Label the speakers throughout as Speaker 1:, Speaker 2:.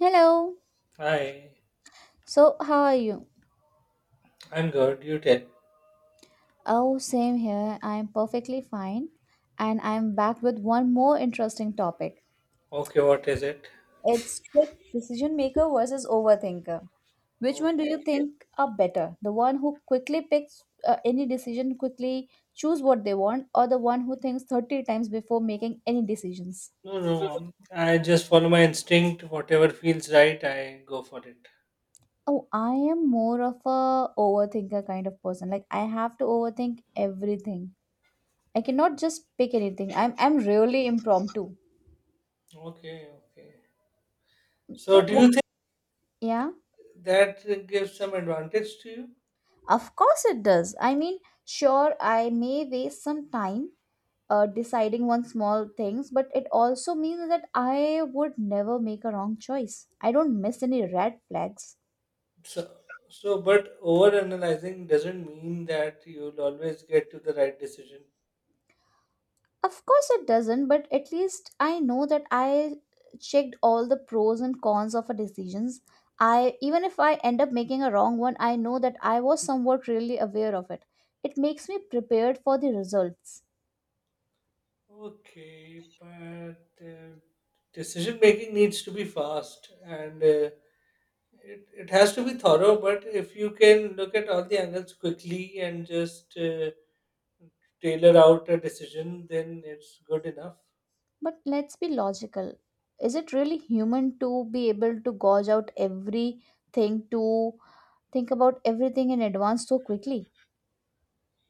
Speaker 1: Hello.
Speaker 2: Hi,
Speaker 1: So, how are you?
Speaker 2: I'm good. You tell.
Speaker 1: Oh, same here. I'm perfectly fine. And I'm back with one more interesting topic.
Speaker 2: Okay, what is it?
Speaker 1: It's quick decision maker versus overthinker. Which one do
Speaker 2: Okay.
Speaker 1: you think are better? The one who quickly picks any decision, quickly choose what they want, or the one who thinks 30 times before making any decisions?
Speaker 2: No, no. I just follow my instinct. Whatever feels right, I go for it.
Speaker 1: Oh, I am more of a overthinker kind of person. Like I have to overthink everything. I cannot just pick anything. I'm really impromptu.
Speaker 2: Okay, okay. So,
Speaker 1: So,
Speaker 2: do you think
Speaker 1: yeah,
Speaker 2: that gives some advantage to you?
Speaker 1: of course it does. I mean, sure, I may waste some time deciding on small things, but it also means that I would never make a wrong choice. I don't miss any red flags.
Speaker 2: So, so, but overanalyzing doesn't mean that you'll always get to the right decision.
Speaker 1: Of course it doesn't, but at least I know that I checked all the pros and cons of a decisions. I even if I end up making a wrong one, I know that I was somewhat really aware of it. It makes me prepared for the results.
Speaker 2: Okay, but decision making needs to be fast and it has to be thorough, but if you can look at all the angles quickly and just tailor out a decision, then it's good enough.
Speaker 1: But let's be logical. Is it really human to be able to gauge out everything, to think about everything in advance so quickly?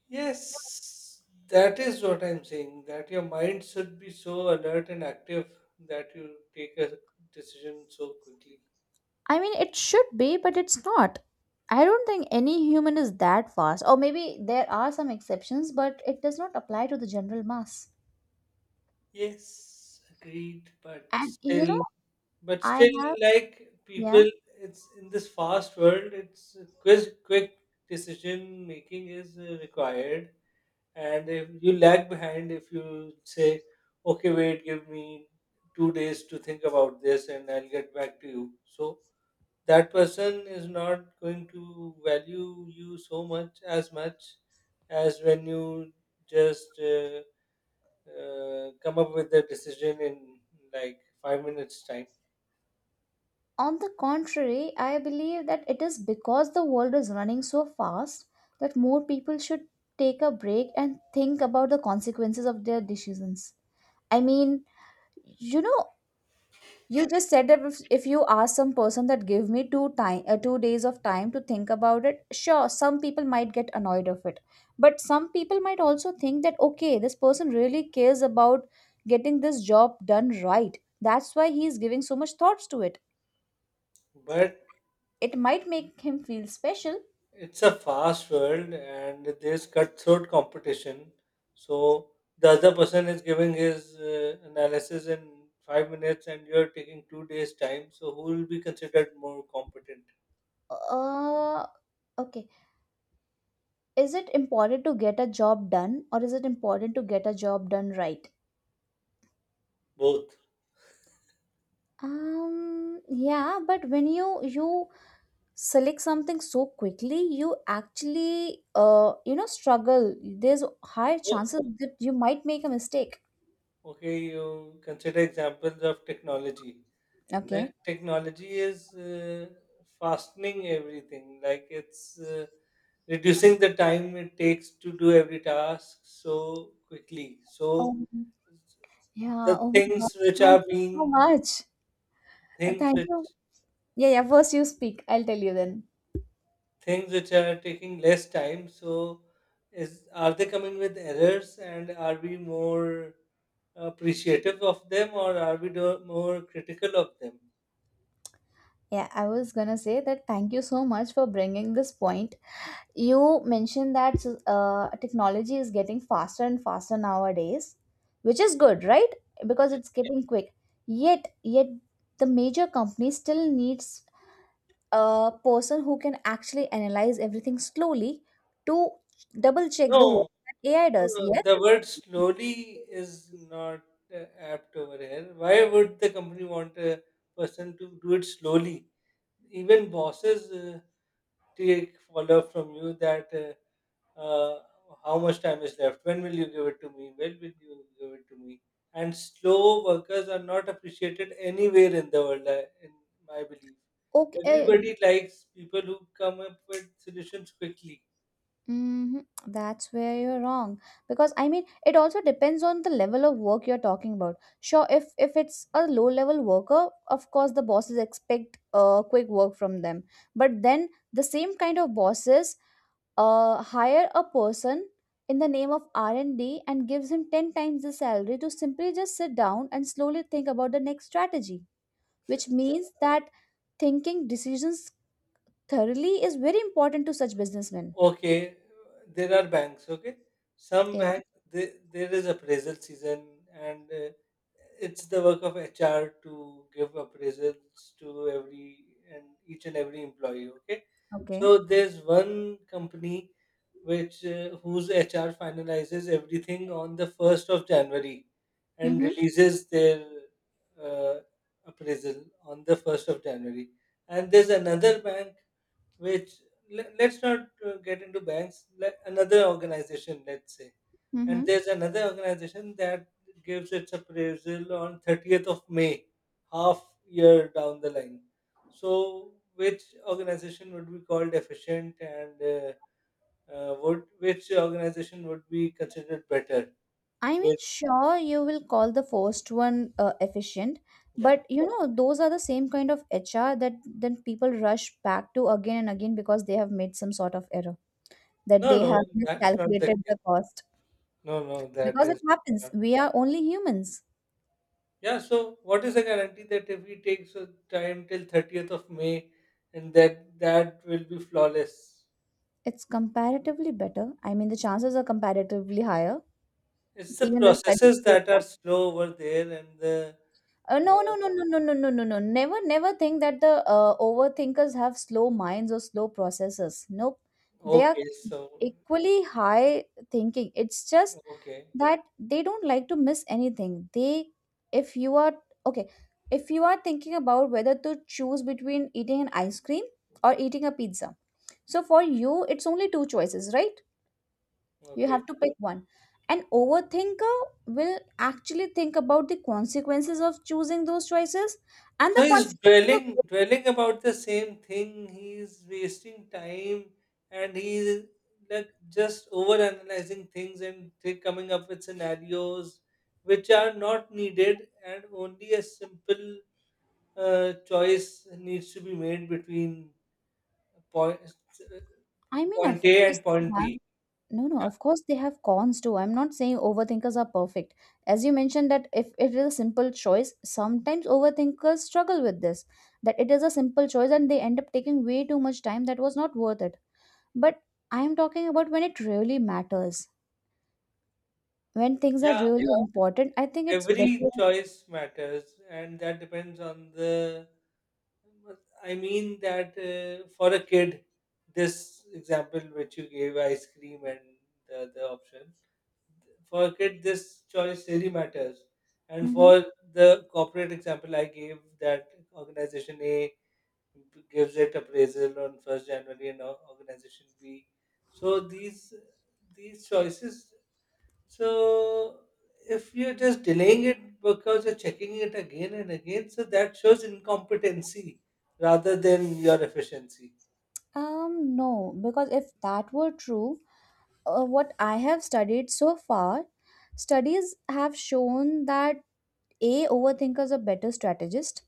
Speaker 2: Yes, that is what I'm saying, that your mind should be so alert and active that you take a decision so quickly.
Speaker 1: I mean, it should be, but it's not. I don't think any human is that fast, or maybe there are some exceptions, but it does not apply to the general mass.
Speaker 2: Yes, agreed, but
Speaker 1: And you know,
Speaker 2: still, but
Speaker 1: I
Speaker 2: still,
Speaker 1: have,
Speaker 2: like people,
Speaker 1: yeah.
Speaker 2: it's in this fast world, it's quick decision making is required, and if you lag behind, if you say, okay, wait, give me 2 days to think about this and I'll get back to you, so that person is not going to value you so much, as much as when you just come up with a decision in like 5 minutes time.
Speaker 1: On the contrary, I believe that it is because the world is running so fast that more people should take a break and think about the consequences of their decisions. I mean, you know, you just said that if you ask some person that give me 2 days of time to think about it, sure, some people might get annoyed of it. But some people might also think that okay, this person really cares about getting this job done right. That's why he is giving so much thoughts to it.
Speaker 2: But
Speaker 1: It might make him feel special.
Speaker 2: It's a fast world and there's cutthroat competition. So the other person is giving his analysis in 5 minutes and you're taking 2 days' time. So who will be considered more competent?
Speaker 1: Uh, okay. Is it important to get a job done or is it important to get a job done right?
Speaker 2: Both.
Speaker 1: Yeah, but when you select something so quickly, you actually you know struggle. There's high
Speaker 2: Oh,
Speaker 1: chances that you might make a mistake.
Speaker 2: okay, you consider examples of technology. Then
Speaker 1: Okay.
Speaker 2: technology is fastening everything, like it's reducing the time it takes to do every task so quickly. So
Speaker 1: Um, yeah.
Speaker 2: the
Speaker 1: Oh my God.
Speaker 2: things which
Speaker 1: Thank
Speaker 2: are
Speaker 1: you so
Speaker 2: being
Speaker 1: much.
Speaker 2: things
Speaker 1: Thank
Speaker 2: which
Speaker 1: you. Yeah, yeah. First you speak. I'll tell you then.
Speaker 2: things which are taking less time, so is, are they coming with errors and are we more appreciative of them or are we more critical of them?
Speaker 1: Yeah, I was gonna say that thank you so much for bringing this point. You mentioned that technology is getting faster and faster nowadays, which is good, right? Because it's getting quick. Yet the major company still needs a person who can actually analyze everything slowly to double check the work
Speaker 2: no,
Speaker 1: that AI
Speaker 2: no,
Speaker 1: does.
Speaker 2: no,
Speaker 1: Yes,
Speaker 2: the word slowly is not apt over here. Why would the company want a person to do it slowly? Even bosses take follow up from you that uh, how much time is left, when will you give it to me when will you give it to me and slow workers are not appreciated anywhere in the world, in my belief.
Speaker 1: okay.
Speaker 2: Everybody likes people who come up with solutions quickly.
Speaker 1: Hmm. That's where you're wrong because I mean it also depends on the level of work you're talking about. Sure, if it's a low level worker, of course the bosses expect quick work from them. But then the same kind of bosses hire a person in the name of R and D and gives him ten times the salary to simply just sit down and slowly think about the next strategy, which means that thinking decisions thoroughly is very important to such businessmen.
Speaker 2: Okay, there are banks, okay? Some
Speaker 1: Yeah.
Speaker 2: banks, there is appraisal season, and it's the work of HR to give appraisals to every and each and every employee, okay?
Speaker 1: Okay.
Speaker 2: So there's one company which whose HR finalizes everything on the 1st of January and
Speaker 1: Mm-hmm.
Speaker 2: releases their uh, appraisal on the 1st of January. And there's another bank which let's not get into banks, let another organization, let's say, and
Speaker 1: Mm-hmm.
Speaker 2: there's another organization that gives its appraisal on 30th of May, half year down the line. So which organization would be called efficient and would, which organization would be considered better?
Speaker 1: I mean,
Speaker 2: With
Speaker 1: sure, you will call the first one efficient,
Speaker 2: Yeah.
Speaker 1: but you know, those are the same kind of HR that then people rush back to again and again because they have made some sort of error, that
Speaker 2: no
Speaker 1: they have
Speaker 2: no that's not the
Speaker 1: miscalculated
Speaker 2: case.
Speaker 1: the cost.
Speaker 2: no no that
Speaker 1: Because it
Speaker 2: is
Speaker 1: happens, we are only humans.
Speaker 2: Yeah, so what is the guarantee that if we take so time till 30th of May, and that that will be flawless?
Speaker 1: It's comparatively better. I mean, the chances are comparatively higher.
Speaker 2: It's the
Speaker 1: Even the studies
Speaker 2: processes
Speaker 1: say
Speaker 2: that are
Speaker 1: so.
Speaker 2: slow over there, and the
Speaker 1: No,
Speaker 2: uh,
Speaker 1: no, no, no, no, no, no, no, no. Never, never think that the overthinkers have slow minds or slow processes. Nope. They are
Speaker 2: okay, so
Speaker 1: equally high thinking. It's just
Speaker 2: okay,
Speaker 1: that they don't like to miss anything. They, if you are, okay, if you are thinking about whether to choose between eating an ice cream or eating a pizza. So for you, it's only two choices, right? You
Speaker 2: okay.
Speaker 1: have to pick one. An overthinker will actually think about the consequences of choosing those choices and
Speaker 2: So
Speaker 1: the
Speaker 2: he's
Speaker 1: consequences
Speaker 2: dwelling
Speaker 1: of.
Speaker 2: dwelling about the same thing. He's wasting time and he's like just over analyzing things and coming up with scenarios which are not needed, and only a simple choice needs to be made between point
Speaker 1: I mean,
Speaker 2: point
Speaker 1: of
Speaker 2: A
Speaker 1: course,
Speaker 2: and
Speaker 1: they
Speaker 2: point
Speaker 1: have,
Speaker 2: B.
Speaker 1: no, no,
Speaker 2: Yeah,
Speaker 1: of course, they have cons too. I'm not saying overthinkers are perfect. As you mentioned, that if it is a simple choice, sometimes overthinkers struggle with this, that it is a simple choice and they end up taking way too much time that was not worth it. But I am talking about when it really matters, when things are
Speaker 2: yeah.
Speaker 1: really Yeah. important. I think it's
Speaker 2: Every
Speaker 1: better.
Speaker 2: choice matters, and that depends on the. I mean that for a kid, this example which you gave, ice cream and the other option. For a kid, this choice really matters, and
Speaker 1: Mhm.
Speaker 2: for the corporate example I gave, that organization A gives it appraisal on 1st January, and organization B. So these choices. So if you're just delaying it because you're checking it again and again, so that shows incompetency rather than your efficiency.
Speaker 1: No, because if that were true, what I have studied so far, studies have shown that A, overthinkers are better strategists.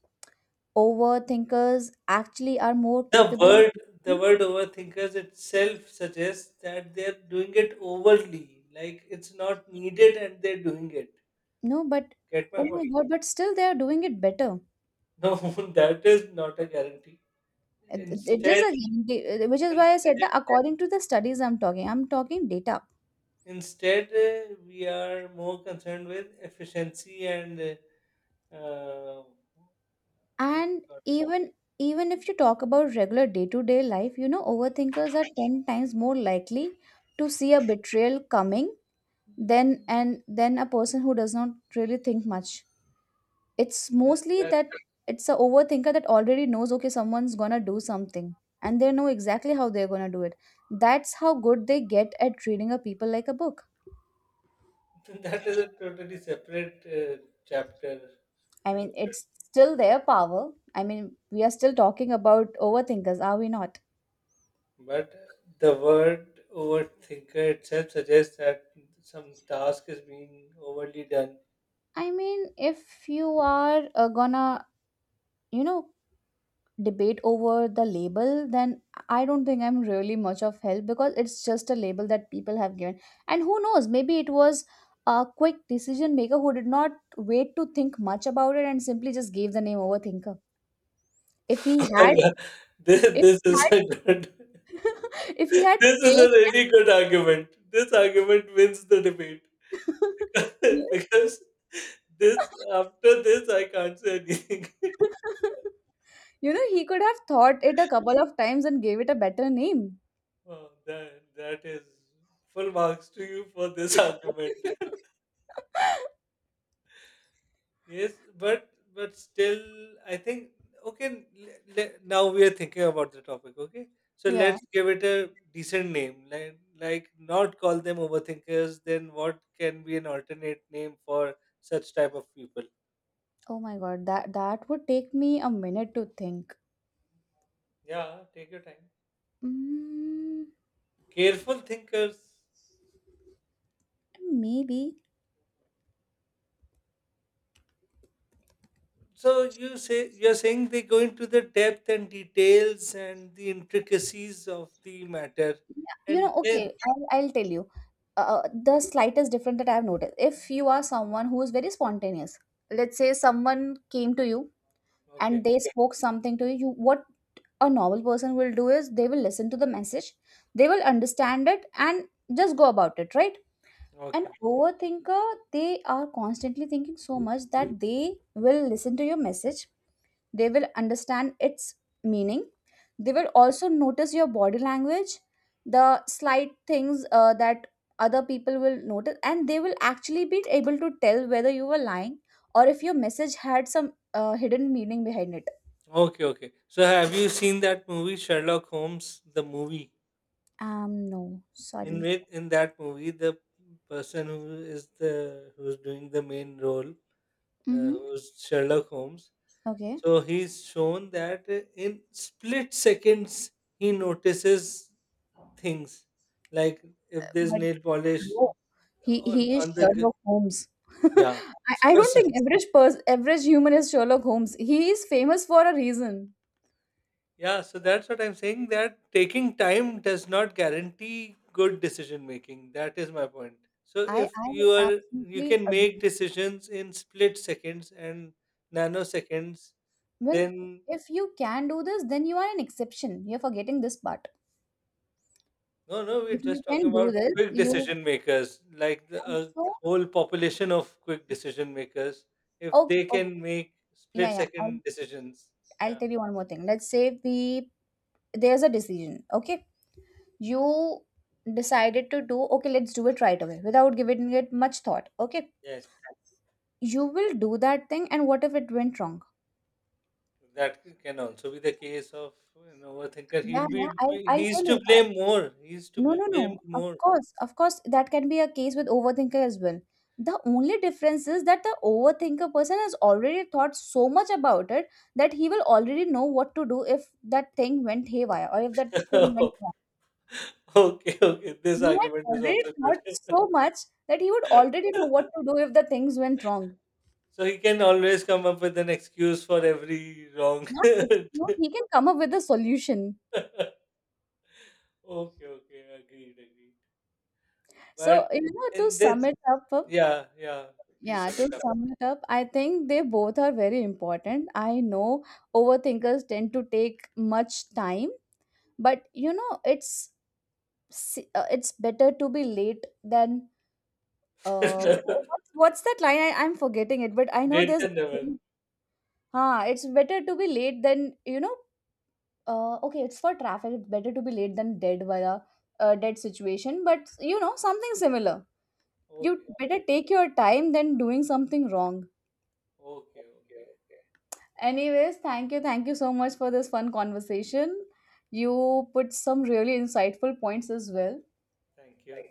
Speaker 1: Overthinkers actually are more
Speaker 2: The
Speaker 1: capable.
Speaker 2: word the word overthinkers itself suggests that they're doing it overly, like it's not needed and they're doing it.
Speaker 1: No, but
Speaker 2: Get my
Speaker 1: oh
Speaker 2: point?
Speaker 1: my God, but still they are doing it better.
Speaker 2: No, that is not a guarantee.
Speaker 1: It is
Speaker 2: Instead,
Speaker 1: a, which is why I said
Speaker 2: instead
Speaker 1: that according to the studies I'm talking data.
Speaker 2: Instead, we are more concerned with efficiency and uh, uh, what you
Speaker 1: And
Speaker 2: call it.
Speaker 1: even even if you talk about regular day-to-day life, you know, overthinkers are 10 times more likely to see a betrayal coming than and than a person who does not really think much. It's
Speaker 2: Th-
Speaker 1: mostly that it's a overthinker that already knows okay someone's gonna do something, and they know exactly how they're gonna do it. That's how good they get at reading a people like a book.
Speaker 2: That, that is a totally separate chapter.
Speaker 1: I
Speaker 2: And,
Speaker 1: mean it's still their power. I mean we are still talking about overthinkers, are we not?
Speaker 2: but the word overthinker itself suggests that some task is being overly done.
Speaker 1: I mean, if you are gonna, you know, debate over the label, then I don't think I'm really much of help because it's just a label that people have given. And who knows, maybe it was a quick decision maker who did not wait to think much about it and simply just gave the name overthinker. If he had,
Speaker 2: Yeah, this,
Speaker 1: if
Speaker 2: this
Speaker 1: he
Speaker 2: is a good.
Speaker 1: had, if he had
Speaker 2: This is a
Speaker 1: stayed,
Speaker 2: really good argument. This argument wins the debate.
Speaker 1: and
Speaker 2: Because this, after this I can't say anything.
Speaker 1: you know, he could have thought it a couple of times and gave it a better name.
Speaker 2: Wow, that is full marks to you for this argument. Yes, but still, I think okay. Now we are thinking about the topic. Okay, so
Speaker 1: Yeah.
Speaker 2: let's give it a decent name. Like not call them overthinkers. Then what can be an alternate name for such type of people?
Speaker 1: Oh my god, that would take me a minute to think.
Speaker 2: Yeah, take your time.
Speaker 1: Mm,
Speaker 2: Careful thinkers.
Speaker 1: maybe.
Speaker 2: So you say, you're saying they go into the depth and details and the intricacies of the matter,
Speaker 1: You
Speaker 2: and
Speaker 1: know,
Speaker 2: then
Speaker 1: okay, I'll tell you. The slightest difference that I've noticed. If you are someone who is very spontaneous, let's say someone came to you and
Speaker 2: okay,
Speaker 1: they spoke something to you, you what a normal person will do is they will listen to the message, they will understand it, and just go about it, right? An
Speaker 2: okay,
Speaker 1: overthinker, they are constantly thinking so much that they will listen to your message, they will understand its meaning, they will also notice your body language, the slight things that other people will notice, and they will actually be able to tell whether you were lying or if your message had some hidden meaning behind it.
Speaker 2: okay, okay. So have you seen that movie Sherlock Holmes, the movie?
Speaker 1: Um, no,
Speaker 2: In
Speaker 1: sorry.
Speaker 2: which, in that movie, the person who is the who's doing the main role,
Speaker 1: Mm-hmm.
Speaker 2: who's Sherlock Holmes.
Speaker 1: Okay.
Speaker 2: So he's shown that in split seconds he notices things, like if there's
Speaker 1: But
Speaker 2: nail polish
Speaker 1: bro, he he is
Speaker 2: on the
Speaker 1: Sherlock Holmes.
Speaker 2: yeah.
Speaker 1: I
Speaker 2: So,
Speaker 1: don't
Speaker 2: so
Speaker 1: think average person average human is Sherlock Holmes. He is famous for a reason.
Speaker 2: yeah, so that's what I'm saying, that taking time does not guarantee good decision making. That is my point. So
Speaker 1: i
Speaker 2: if
Speaker 1: i
Speaker 2: you are, you
Speaker 1: absolutely
Speaker 2: can make
Speaker 1: agree.
Speaker 2: decisions in split seconds and nanoseconds,
Speaker 1: Well,
Speaker 2: then
Speaker 1: if you can do this, then you are an exception. You're forgetting this part.
Speaker 2: no, no, we're
Speaker 1: If you
Speaker 2: just talking
Speaker 1: can do
Speaker 2: about
Speaker 1: this,
Speaker 2: quick
Speaker 1: you
Speaker 2: decision makers, like the
Speaker 1: can.
Speaker 2: a
Speaker 1: So,
Speaker 2: whole population of quick decision makers, if
Speaker 1: okay,
Speaker 2: they
Speaker 1: okay,
Speaker 2: can make
Speaker 1: yeah,
Speaker 2: split
Speaker 1: yeah.
Speaker 2: second decisions,
Speaker 1: I'll
Speaker 2: yeah,
Speaker 1: tell you one more thing. Let's say we there's a decision. Okay, you decided to do. Okay, let's do it right away without giving it much thought. Okay,
Speaker 2: yes.
Speaker 1: you will do that thing, and what if it went wrong?
Speaker 2: That can also be the case of an overthinker.
Speaker 1: Yeah,
Speaker 2: He'll be,
Speaker 1: yeah. I'll
Speaker 2: he's
Speaker 1: tell
Speaker 2: to
Speaker 1: you.
Speaker 2: blame more. He's to
Speaker 1: No,
Speaker 2: be
Speaker 1: no,
Speaker 2: blamed
Speaker 1: no.
Speaker 2: more.
Speaker 1: Of course, that can be a case with overthinker as well. The only difference is that the overthinker person has already thought so much about it that he will already know what to do if that thing went haywire or if that thing went wrong.
Speaker 2: Okay, okay. This
Speaker 1: He had
Speaker 2: argument is
Speaker 1: already
Speaker 2: also good.
Speaker 1: thought so much that he would already know what to do if the things went wrong.
Speaker 2: So he can always come up with an excuse for every wrong.
Speaker 1: Not excuse,
Speaker 2: Okay,
Speaker 1: he can come up with a solution.
Speaker 2: okay. Agreed, agreed. But
Speaker 1: So, you know, to
Speaker 2: in
Speaker 1: sum
Speaker 2: this,
Speaker 1: it up,
Speaker 2: yeah, yeah. Please
Speaker 1: yeah,
Speaker 2: sum
Speaker 1: to
Speaker 2: it up.
Speaker 1: sum it up, I think they both are very important. I know overthinkers tend to take much time, but you know, it's it's better to be late than uh what's that line? I'm forgetting it, but I know there's
Speaker 2: Later, never.
Speaker 1: Ah, it's better to be late than you know, okay, it's for traffic, it's better to be late than dead via a dead situation, but you know, something similar. You
Speaker 2: Okay,
Speaker 1: better take your time than doing something wrong.
Speaker 2: okay, okay.
Speaker 1: Anyways, thank you. Thank you so much for this fun conversation. You put some really insightful points as well.
Speaker 2: Thank you.